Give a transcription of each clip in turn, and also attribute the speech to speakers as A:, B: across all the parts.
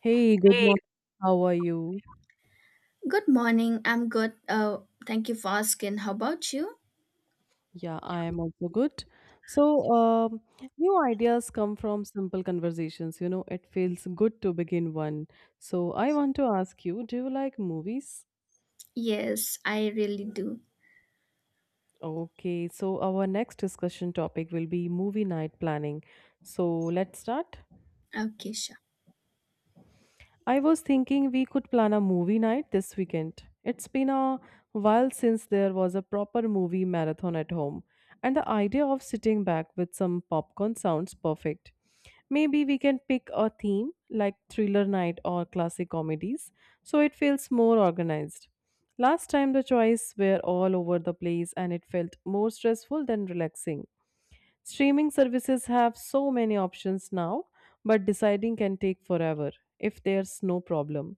A: Hey, good
B: Hey,
A: morning. How are you?
B: good morning. I'm good. Thank you for asking. How about you?
A: Yeah, I am also good. So, new ideas come from simple conversations. You know, it feels good to begin one. So, I want to ask you, do you like movies?
B: Yes, I really do.
A: Okay, so our next discussion topic will be movie night planning. So, let's start.
B: Okay, sure.
A: I was thinking we could plan a movie night this weekend. It's been a while since there was a proper movie marathon at home, and the idea of sitting back with some popcorn sounds perfect. Maybe we can pick a theme like thriller night or classic comedies so it feels more organized. Last time the choices were all over the place and it felt more stressful than relaxing. Streaming services have so many options now, but deciding can take forever if there's no problem.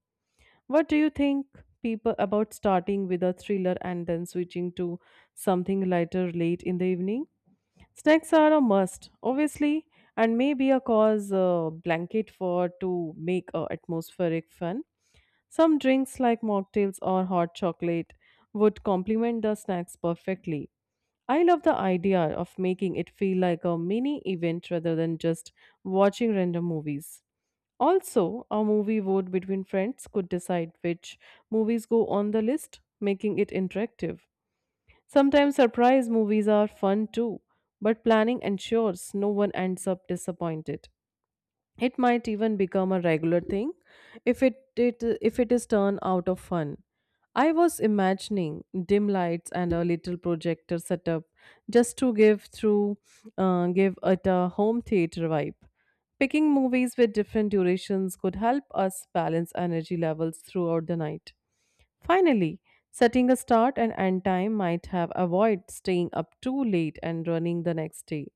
A: What do you think people about starting with a thriller and then switching to something lighter late in the evening? Snacks are a must, obviously, and maybe a cause blanket for to make a atmospheric fun. Some drinks like mocktails or hot chocolate would complement the snacks perfectly. I love the idea of making it feel like a mini event rather than just watching random movies. Also, a movie vote between friends could decide which movies go on the list, making it interactive. Sometimes surprise movies are fun too, but planning ensures no one ends up disappointed. It might even become a regular thing if it if it is turned out of fun. I was imagining dim lights and a little projector setup just to give through give it a home theater vibe. Picking movies with different durations could help us balance energy levels throughout the night. Finally, setting a start and end time might have avoid staying up too late and running the next day.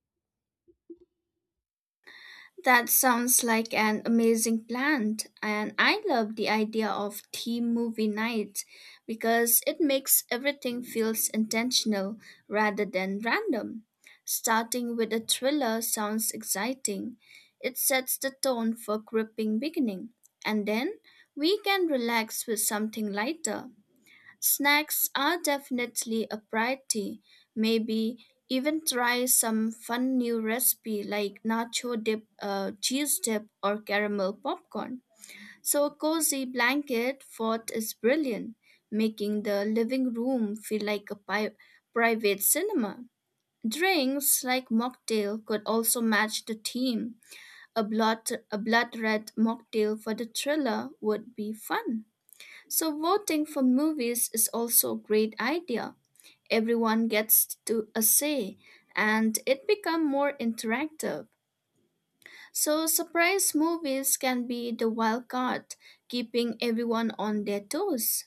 B: That sounds like an amazing plan, and I love the idea of team movie night because it makes everything feels intentional rather than random. Starting with a thriller sounds exciting. It sets the tone for gripping beginning, and then we can relax with something lighter. Snacks are definitely a priority. Maybe even try some fun new recipe like nacho dip, cheese dip, or caramel popcorn. So a cozy blanket fort is brilliant, making the living room feel like a private cinema. Drinks like mocktail could also match the theme. A blood red mocktail for the thriller would be fun. So, voting for movies is also a great idea. Everyone gets to a say, and it becomes more interactive. So, surprise movies can be the wild card, keeping everyone on their toes.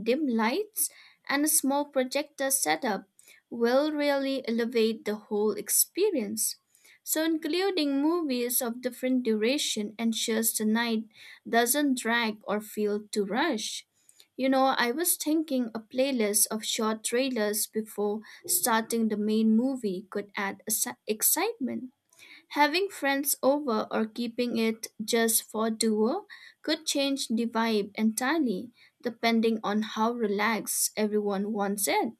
B: Dim lights and a small projector setup will really elevate the whole experience. So, including movies of different duration ensures the night doesn't drag or feel too rushed. You know, I was thinking a playlist of short trailers before starting the main movie could add excitement. Having friends over or keeping it just for duo could change the vibe entirely, depending on how relaxed everyone wants it.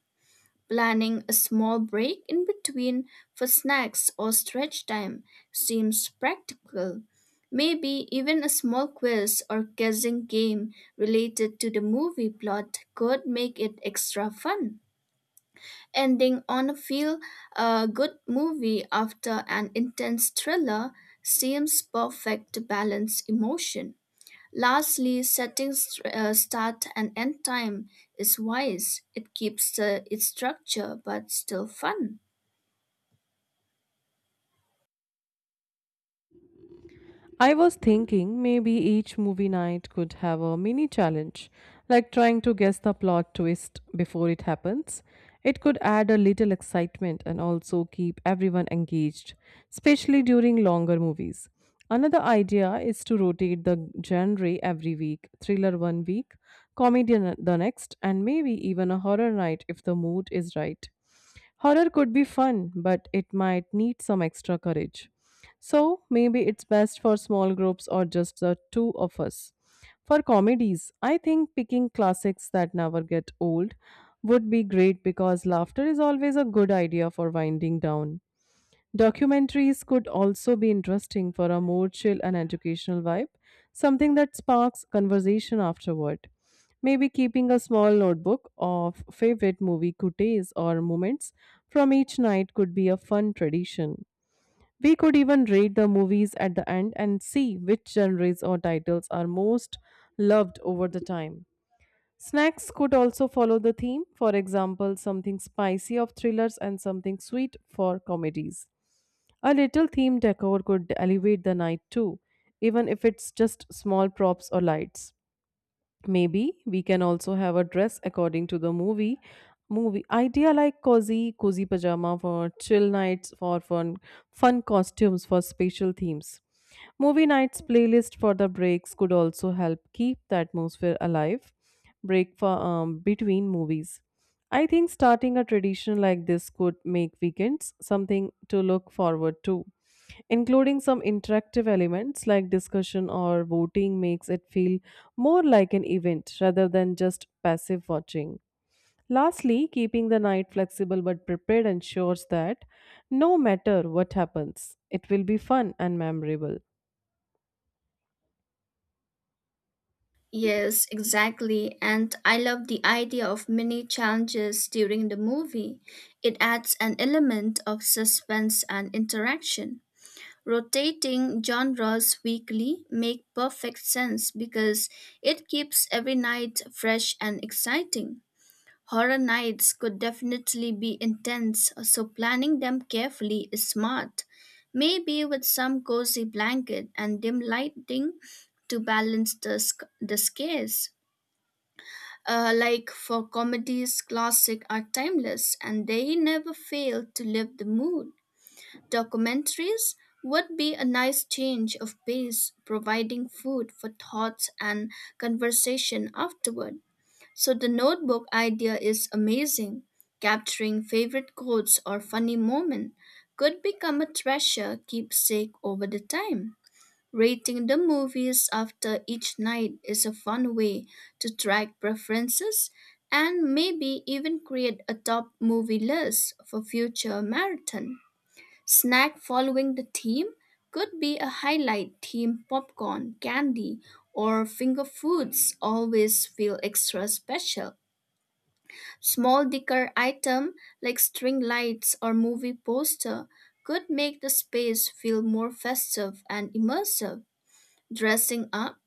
B: Planning a small break in between for snacks or stretch time seems practical. Maybe even a small quiz or guessing game related to the movie plot could make it extra fun, ending on a feel good movie after an intense thriller seems perfect to balance emotion. Lastly, setting start and end time is wise. It keeps its structure but still fun.
A: I was thinking maybe each movie night could have a mini challenge, like trying to guess the plot twist before it happens. It could add a little excitement and also keep everyone engaged, especially during longer movies. Another idea is to rotate the genre every week, thriller one week, comedy the next, and maybe even a horror night if the mood is right. Horror could be fun, but it might need some extra courage. So maybe it's best for small groups or just the two of us. For comedies, I think picking classics that never get old would be great because laughter is always a good idea for winding down. Documentaries could also be interesting for a more chill and educational vibe, something that sparks conversation afterward. Maybe keeping a small notebook of favorite movie coutes or moments from each night could be a fun tradition. We could even rate the movies at the end and see which genres or titles are most loved over the time. Snacks could also follow the theme, for example, something spicy of thrillers and something sweet for comedies. A little theme decor could elevate the night too, even if it's just small props or lights. Maybe we can also have a dress according to the movie. Movie idea like cozy pajama for chill nights, for fun costumes for special themes. Movie nights playlist for the breaks could also help keep the atmosphere alive. Break for between movies. I think starting a tradition like this could make weekends something to look forward to. Including some interactive elements like discussion or voting makes it feel more like an event rather than just passive watching. Lastly, keeping the night flexible but prepared ensures that no matter what happens, it will be fun and memorable.
B: Yes, exactly. And I love the idea of mini challenges during the movie. It adds an element of suspense and interaction. Rotating genres weekly make perfect sense because it keeps every night fresh and exciting. Horror nights could definitely be intense, so planning them carefully is smart. Maybe with some cozy blanket and dim lighting to balance the scares. Like for comedies, classic are timeless and they never fail to lift the mood. Documentaries would be a nice change of pace, providing food for thoughts and conversation afterward. So, the notebook idea is amazing. Capturing favorite quotes or funny moment could become a treasure keepsake over the time. Rating the movies after each night is a fun way to track preferences and maybe even create a top movie list for future marathon. Snack following the theme could be a highlight. Theme popcorn, candy, or finger foods always feel extra special. Small decor item like string lights or movie poster could make the space feel more festive and immersive. Dressing up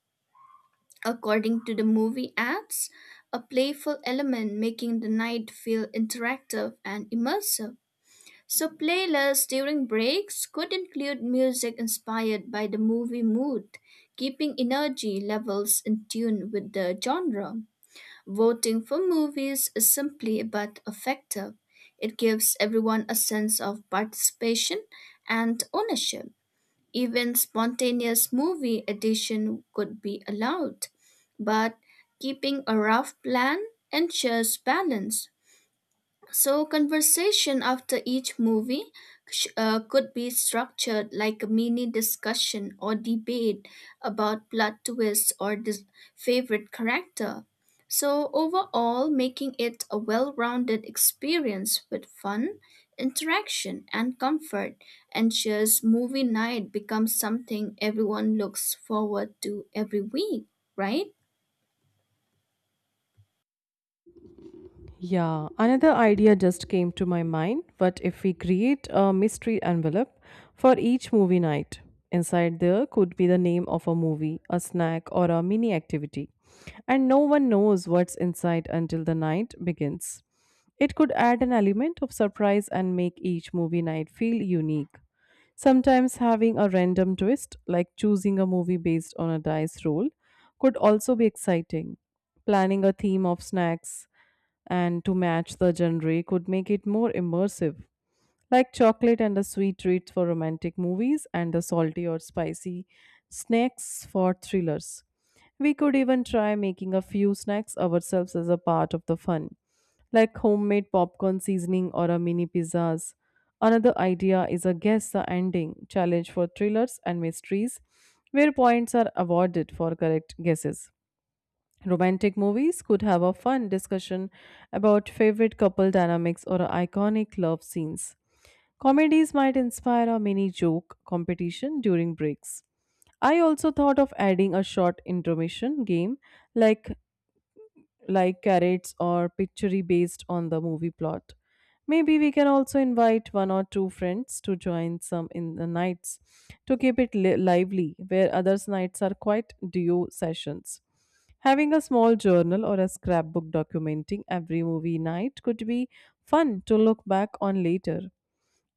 B: according to the movie ads, a playful element making the night feel interactive and immersive. So, playlists during breaks could include music inspired by the movie mood, keeping energy levels in tune with the genre. Voting for movies is simply but effective. It gives everyone a sense of participation and ownership. Even spontaneous movie addition could be allowed, but keeping a rough plan ensures balance. So, conversation after each movie could be structured like a mini discussion or debate about plot twists or favorite character. So, overall, making it a well rounded experience with fun, interaction, and comfort ensures movie night becomes something everyone looks forward to every week, right?
A: Yeah, another idea just came to my mind. What if we create a mystery envelope for each movie night? Inside there could be the name of a movie, a snack, or a mini activity. And no one knows what's inside until the night begins. It could add an element of surprise and make each movie night feel unique. Sometimes having a random twist, like choosing a movie based on a dice roll, could also be exciting. Planning a theme of snacks and to match the genre could make it more immersive, like chocolate and the sweet treats for romantic movies and the salty or spicy snacks for thrillers. We could even try making a few snacks ourselves as a part of the fun, like homemade popcorn seasoning or a mini pizzas. Another idea is a guess the ending challenge for thrillers and mysteries, where points are awarded for correct guesses. Romantic movies could have a fun discussion about favorite couple dynamics or iconic love scenes. Comedies might inspire a mini joke competition during breaks. I also thought of adding a short intermission game like like carrots or picture based on the movie plot. Maybe we can also invite one or two friends to join some in the nights to keep it lively, where others' nights are quite duo sessions. Having a small journal or a scrapbook documenting every movie night could be fun to look back on later.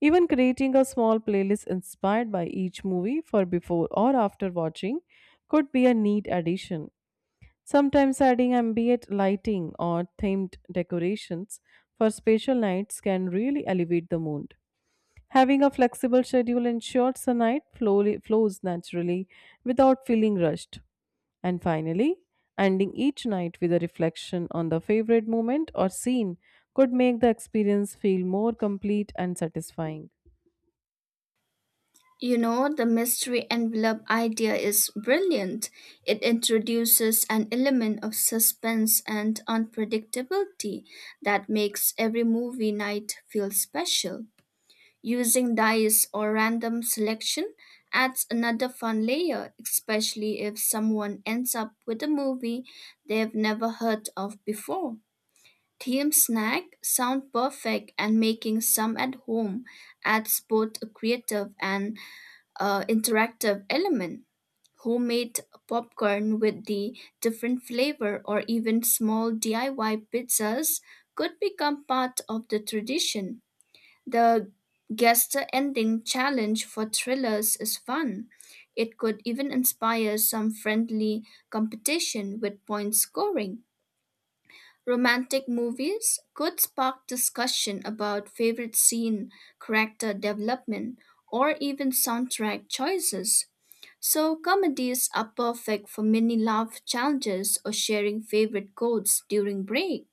A: Even creating a small playlist inspired by each movie for before or after watching could be a neat addition. Sometimes adding ambient lighting or themed decorations for special nights can really elevate the mood. Having a flexible schedule ensures the night flows naturally without feeling rushed. And finally, ending each night with a reflection on the favorite moment or scene could make the experience feel more complete and satisfying.
B: You know, the mystery envelope idea is brilliant. It introduces an element of suspense and unpredictability that makes every movie night feel special. Using dice or random selection adds another fun layer, especially if someone ends up with a movie they've never heard of before. Theme snack sound perfect, and making some at home adds both a creative and interactive element. Homemade popcorn with the different flavor, or even small DIY pizzas could become part of the tradition. The guest ending challenge for thrillers is fun. It could even inspire some friendly competition with point scoring. Romantic movies could spark discussion about favorite scene, character development, or even soundtrack choices. So, comedies are perfect for mini laugh challenges or sharing favorite quotes during break.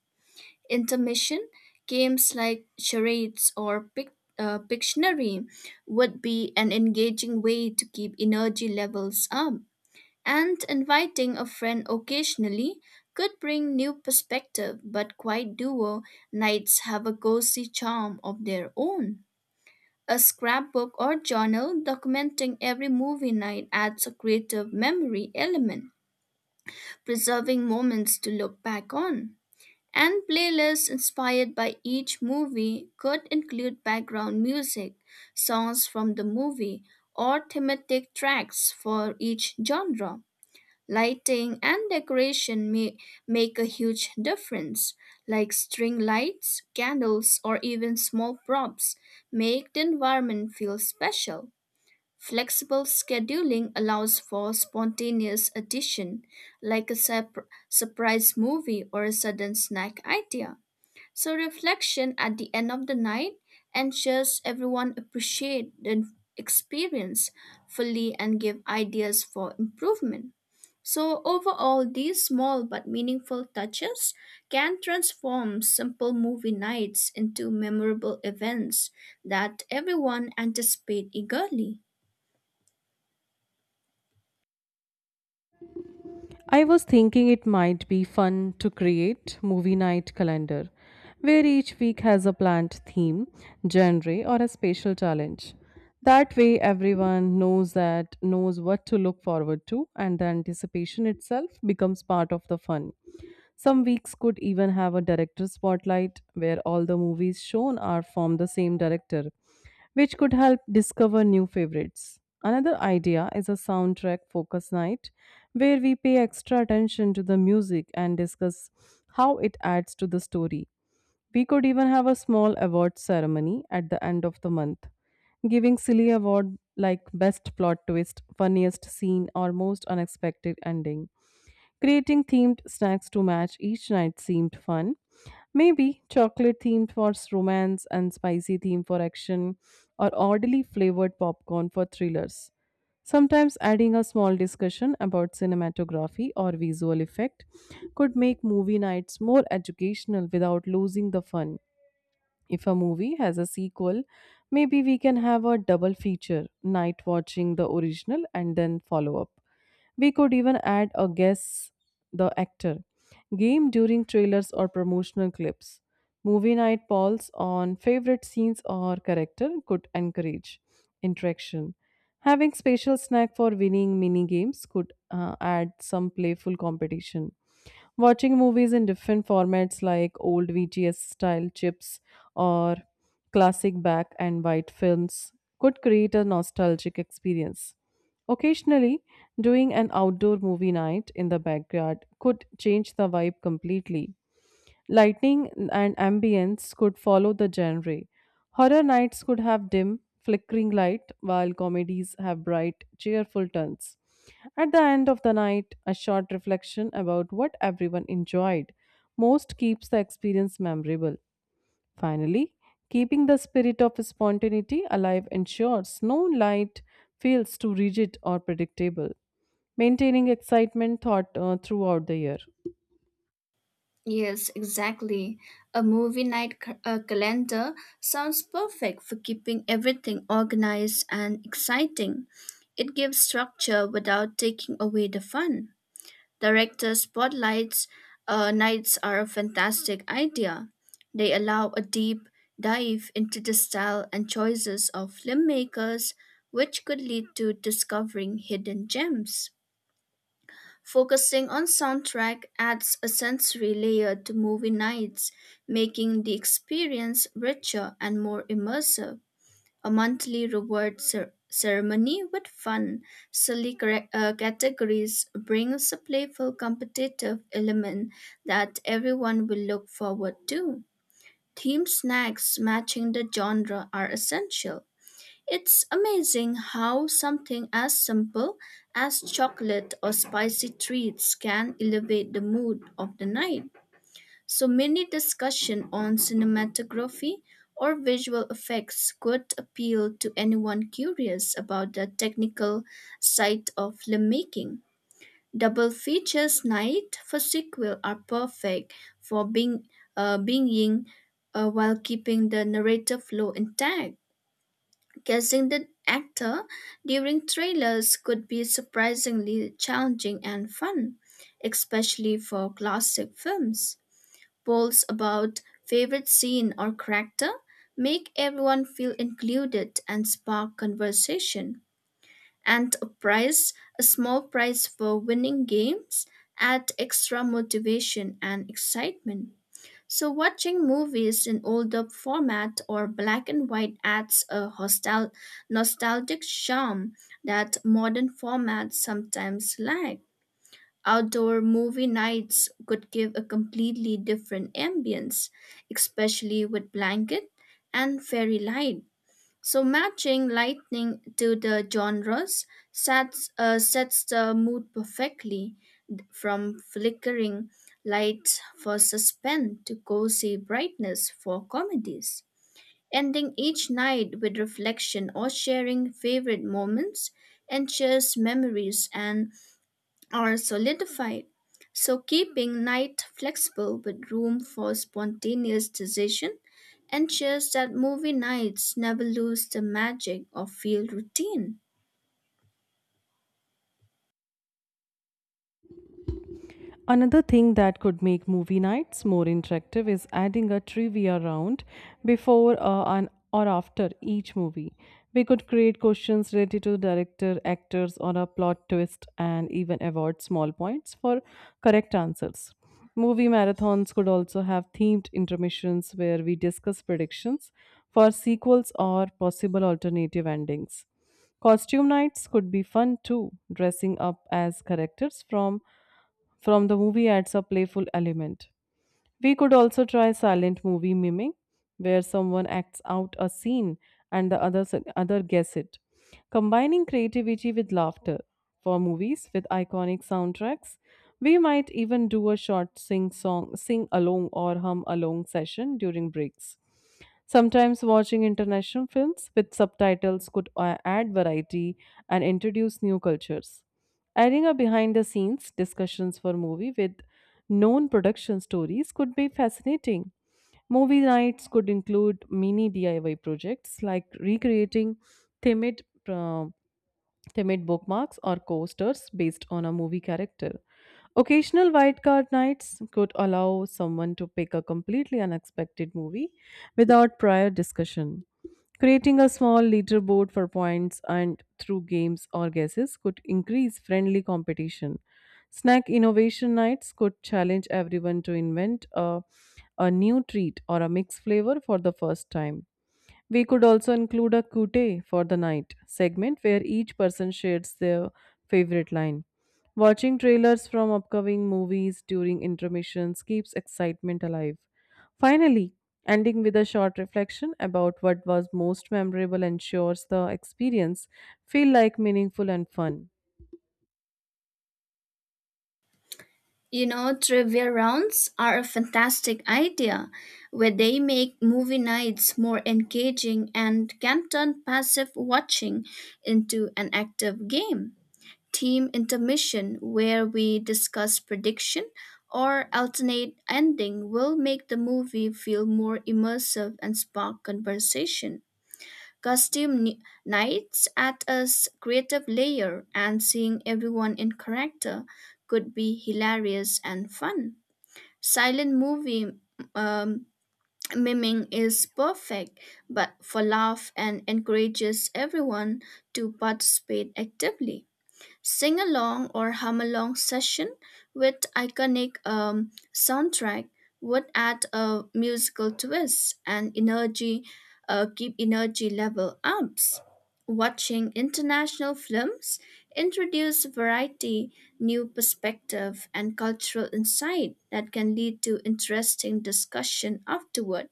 B: Intermission games like charades or Pictionary would be an engaging way to keep energy levels up. And inviting a friend occasionally could bring new perspective, but quiet duo nights have a cozy charm of their own. A scrapbook or journal documenting every movie night adds a creative memory element, preserving moments to look back on. And playlists inspired by each movie could include background music, songs from the movie, or thematic tracks for each genre. Lighting and decoration may make a huge difference, like string lights, candles, or even small props make the environment feel special. Flexible scheduling allows for spontaneous addition, like a surprise movie or a sudden snack idea. So reflection at the end of the night ensures everyone appreciate the experience fully and give ideas for improvement. So overall these small but meaningful touches can transform simple movie nights into memorable events that everyone anticipate eagerly.
A: I was thinking it might be fun to create movie night calendar where each week has a planned theme, genre or a special challenge. That way everyone knows what to look forward to and the anticipation itself becomes part of the fun. Some weeks could even have a director spotlight where all the movies shown are from the same director, which could help discover new favorites. Another idea is a soundtrack focus night where we pay extra attention to the music and discuss how it adds to the story. We could even have a small award ceremony at the end of the month, giving silly award like best plot twist, funniest scene or most unexpected ending. Creating themed snacks to match each night seemed fun. Maybe chocolate themed for romance and spicy theme for action, or oddly flavored popcorn for thrillers. Sometimes adding a small discussion about cinematography or visual effect could make movie nights more educational without losing the fun. If a movie has a sequel, maybe we can have a double feature night watching the original and then follow up. We could even add a guess the actor game during trailers or promotional clips. Movie night polls on favorite scenes or character could encourage interaction. Having special snack for winning mini games could add some playful competition. Watching movies in different formats like old VGS style chips or classic black and white films could create a nostalgic experience. Occasionally, doing an outdoor movie night in the backyard could change the vibe completely. Lighting and ambience could follow the genre. Horror nights could have dim, flickering light, while comedies have bright, cheerful turns. At the end of the night, a short reflection about what everyone enjoyed most keeps the experience memorable. Finally, keeping the spirit of spontaneity alive ensures no light feels too rigid or predictable, maintaining excitement throughout the year.
B: Yes, exactly. A movie night calendar sounds perfect for keeping everything organized and exciting. It gives structure without taking away the fun. Director spotlights nights are a fantastic idea. They allow a deep dive into the style and choices of filmmakers, which could lead to discovering hidden gems. Focusing on soundtrack adds a sensory layer to movie nights, making the experience richer and more immersive. A monthly reward ceremony with fun, silly categories brings a playful competitive element that everyone will look forward to. Theme snacks matching the genre are essential. It's amazing how something as simple as chocolate or spicy treats can elevate the mood of the night. So many discussion on cinematography or visual effects could appeal to anyone curious about the technical side of filmmaking. Double features night for sequel are perfect for being, while keeping the narrative flow intact. Guessing the actor during trailers could be surprisingly challenging and fun, especially for classic films. Polls about favorite scene or character make everyone feel included and spark conversation. And a small prize for winning games, add extra motivation and excitement. So, watching movies in older format or black and white adds a nostalgic charm that modern formats sometimes lack. Outdoor movie nights could give a completely different ambience, especially with blanket and fairy light. So matching lightning to the genres sets the mood perfectly, from flickering lights for suspense to cozy brightness for comedies. Ending each night with reflection or sharing favorite moments ensures memories and are solidified. So, keeping night flexible with room for spontaneous decision ensures that movie nights never lose the magic of field routine.
A: Another thing that could make movie nights more interactive is adding a trivia round before and or after each movie. We could create questions related to director, actors, or a plot twist, and even award small points for correct answers. Movie marathons could also have themed intermissions where we discuss predictions for sequels or possible alternative endings. Costume nights could be fun too, dressing up as characters from the movie adds a playful element. We could also try silent movie miming, where someone acts out a scene and the other guess it. Combining creativity with laughter for movies with iconic soundtracks, we might even do a short sing along or hum along session during breaks. Sometimes watching international films with subtitles could add variety and introduce new cultures. Adding a behind the scenes discussions for movie with known production stories could be fascinating. Movie nights could include mini DIY projects like recreating themed uh, they made bookmarks or coasters based on a movie character. Occasional wildcard nights could allow someone to pick a completely unexpected movie without prior discussion. Creating a small leaderboard for points and through games or guesses could increase friendly competition. Snack innovation nights could challenge everyone to invent a new treat or a mixed flavor for the first time. We could also include a Kute for the night segment where each person shares their favorite line. Watching trailers from upcoming movies during intermissions keeps excitement alive. Finally, ending with a short reflection about what was most memorable ensures the experience feel like meaningful and fun.
B: You know, trivia rounds are a fantastic idea where they make movie nights more engaging and can turn passive watching into an active game. Team intermission where we discuss prediction or alternate ending will make the movie feel more immersive and spark conversation. Costume nights add a creative layer, and seeing everyone in character could be hilarious and fun. Silent movie um, miming is perfect, but for laugh and encourages everyone to participate actively. Sing along or hum along session with iconic soundtrack would add a musical twist and energy, keep energy level ups. Watching international films introduce variety, new perspective and cultural insight that can lead to interesting discussion afterward.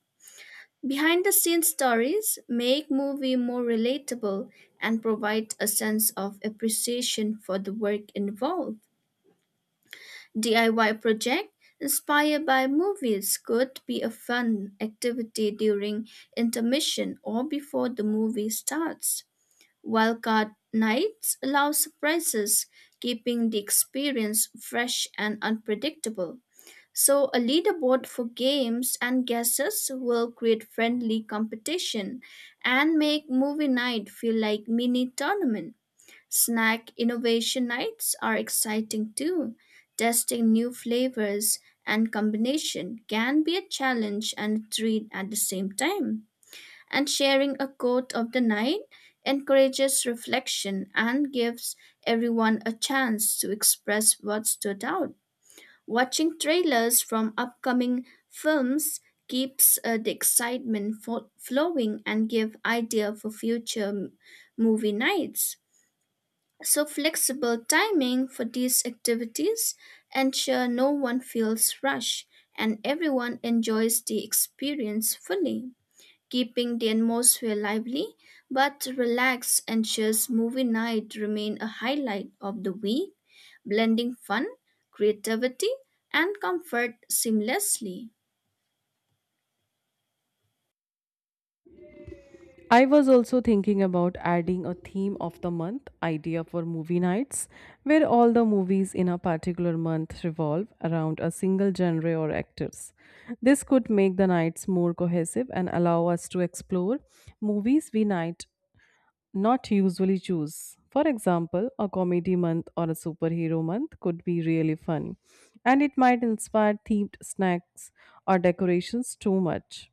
B: Behind the scenes stories make movie more relatable and provide a sense of appreciation for the work involved. DIY project inspired by movies could be a fun activity during intermission or before the movie starts. Wildcard nights allow surprises, keeping the experience fresh and unpredictable. So, a leaderboard for games and guesses will create friendly competition and make movie night feel like mini tournament. Snack innovation nights are exciting too. Testing new flavors and combination can be a challenge and a treat at the same time. And sharing a quote of the night encourages reflection and gives everyone a chance to express what stood out. Watching trailers from upcoming films keeps the excitement flowing and give idea for future movie nights. So flexible timing for these activities ensure no one feels rushed and everyone enjoys the experience fully, keeping the atmosphere lively but relaxed ensures movie night remain a highlight of the week, blending fun, creativity, and comfort seamlessly.
A: I was also thinking about adding a theme of the month idea for movie nights, where all the movies in a particular month revolve around a single genre or actors. This could make the nights more cohesive and allow us to explore movies we might not usually choose. For example, a comedy month or a superhero month could be really fun, and it might inspire themed snacks or decorations too much.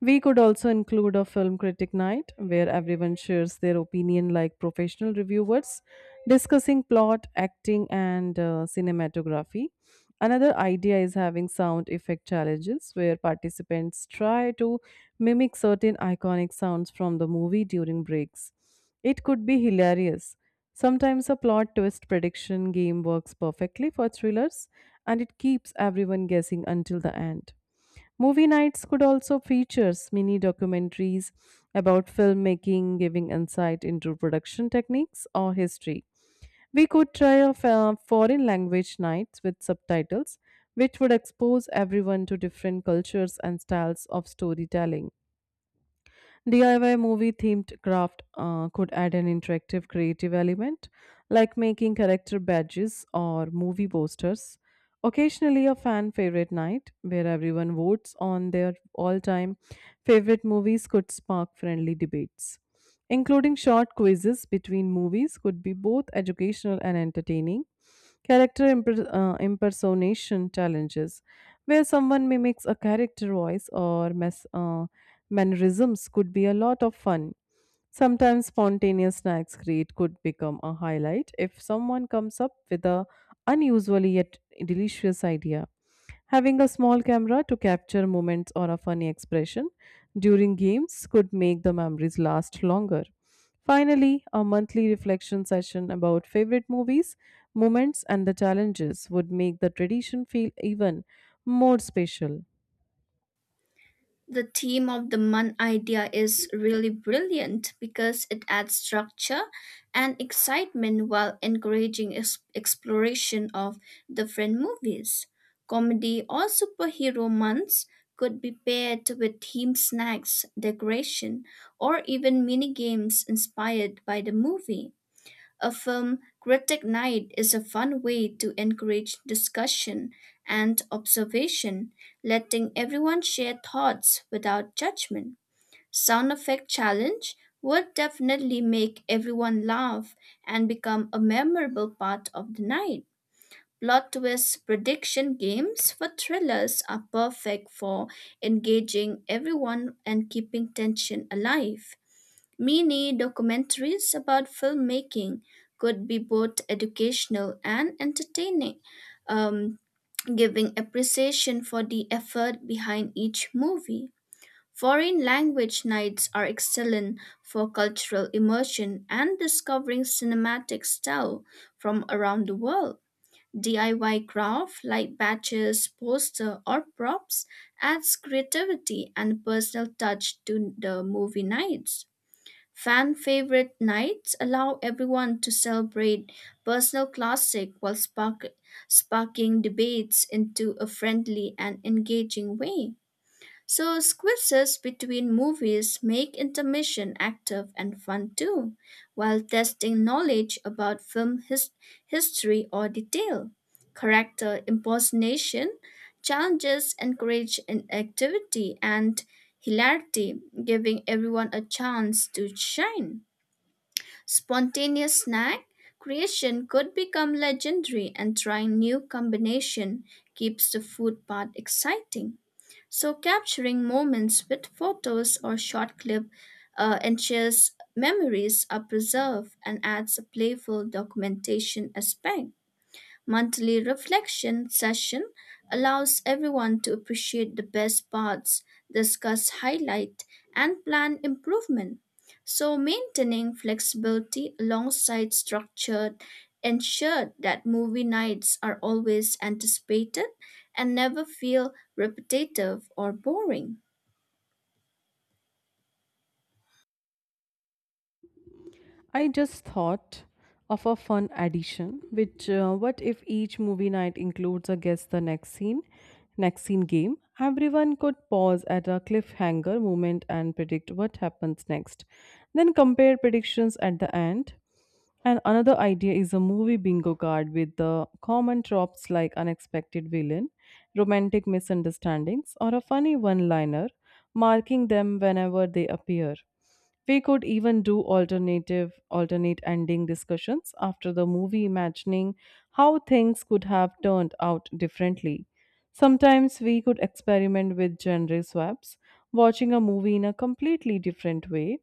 A: We could also include a film critic night where everyone shares their opinion like professional reviewers, discussing plot, acting, and cinematography. Another idea is having sound effect challenges where participants try to mimic certain iconic sounds from the movie during breaks. It could be hilarious. Sometimes a plot twist prediction game works perfectly for thrillers and it keeps everyone guessing until the end. Movie nights could also feature mini documentaries about filmmaking, giving insight into production techniques or history. We could try a foreign language nights with subtitles, which would expose everyone to different cultures and styles of storytelling. DIY movie themed craft could add an interactive creative element, like making character badges or movie posters. Occasionally, a fan favorite night where everyone votes on their all time favorite movies could spark friendly debates. Including short quizzes between movies could be both educational and entertaining. Character impersonation challenges, where someone mimics a character voice or mannerisms, could be a lot of fun. Sometimes spontaneous snacks create could become a highlight if someone comes up with a unusually yet delicious idea. Having a small camera to capture moments or a funny expression during games could make the memories last longer. Finally, a monthly reflection session about favorite movies, moments, and the challenges would make the tradition feel even more special.
B: The theme of the month idea is really brilliant because it adds structure and excitement while encouraging exploration of different movies. Comedy or superhero months could be paired with theme snacks, decoration, or even mini games inspired by the movie. A film critic night is a fun way to encourage discussion and observation, letting everyone share thoughts without judgment. Sound effect challenge would definitely make everyone laugh and become a memorable part of the night. Plot twist prediction games for thrillers are perfect for engaging everyone and keeping tension alive. Mini documentaries about filmmaking could be both educational and entertaining, um, giving appreciation for the effort behind each movie. Foreign language nights are excellent for cultural immersion and discovering cinematic style from around the world. DIY craft like badges, poster, or props adds creativity and personal touch to the movie nights. Fan favorite nights allow everyone to celebrate personal classic while sparking debates into a friendly and engaging way. So squeezes between movies make intermission active and fun too, while testing knowledge about film history or detail. Character impersonation challenges encourage activity and hilarity, giving everyone a chance to shine. Spontaneous snack creation could become legendary, and trying new combination keeps the food part exciting. So capturing moments with photos or short clip ensures memories are preserved and adds a playful documentation aspect. Monthly reflection session allows everyone to appreciate the best parts, discuss highlight, and plan improvement. So maintaining flexibility alongside structured ensure that movie nights are always anticipated and never feel repetitive or boring.
A: I just thought of a fun addition, which what if each movie night includes a guess the next scene game? Everyone could pause at a cliffhanger moment and predict what happens next, then compare predictions at the end. And another idea is a movie bingo card with the common tropes like unexpected villain, romantic misunderstandings, or a funny one liner, marking them whenever they appear. We could even do alternative alternate ending discussions after the movie imagining how things could have turned out differently. Sometimes we could experiment with genre swaps, watching a movie in a completely different way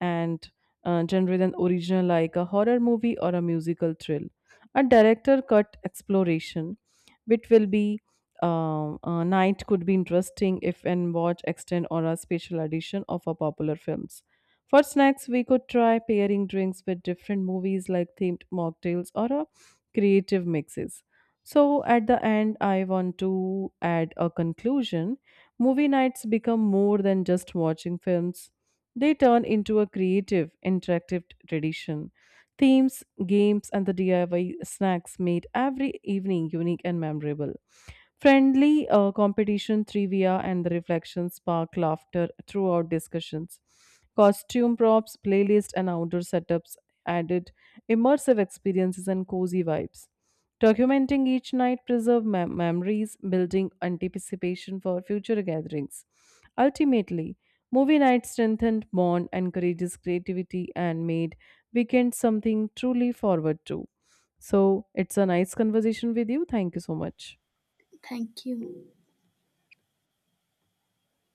A: and genre than original like a horror movie or a musical thrill. A director cut exploration, which will be a night could be interesting if and watch extend or a special edition of a popular film. For snacks, we could try pairing drinks with different movies like themed mocktails or creative mixes. So, at the end, I want to add a conclusion. Movie nights become more than just watching films, they turn into a creative, interactive tradition. Themes, games, and the DIY snacks made every evening unique and memorable. Friendly competition, trivia, and the reflections spark laughter throughout discussions. Costume props, playlist, and outdoor setups added immersive experiences and cozy vibes. Documenting each night preserve memories, building anticipation for future gatherings. Ultimately, movie night strengthened bond, encourages creativity, and made weekend something truly forward to. So it's a nice conversation with you. Thank you so much.
B: Thank you.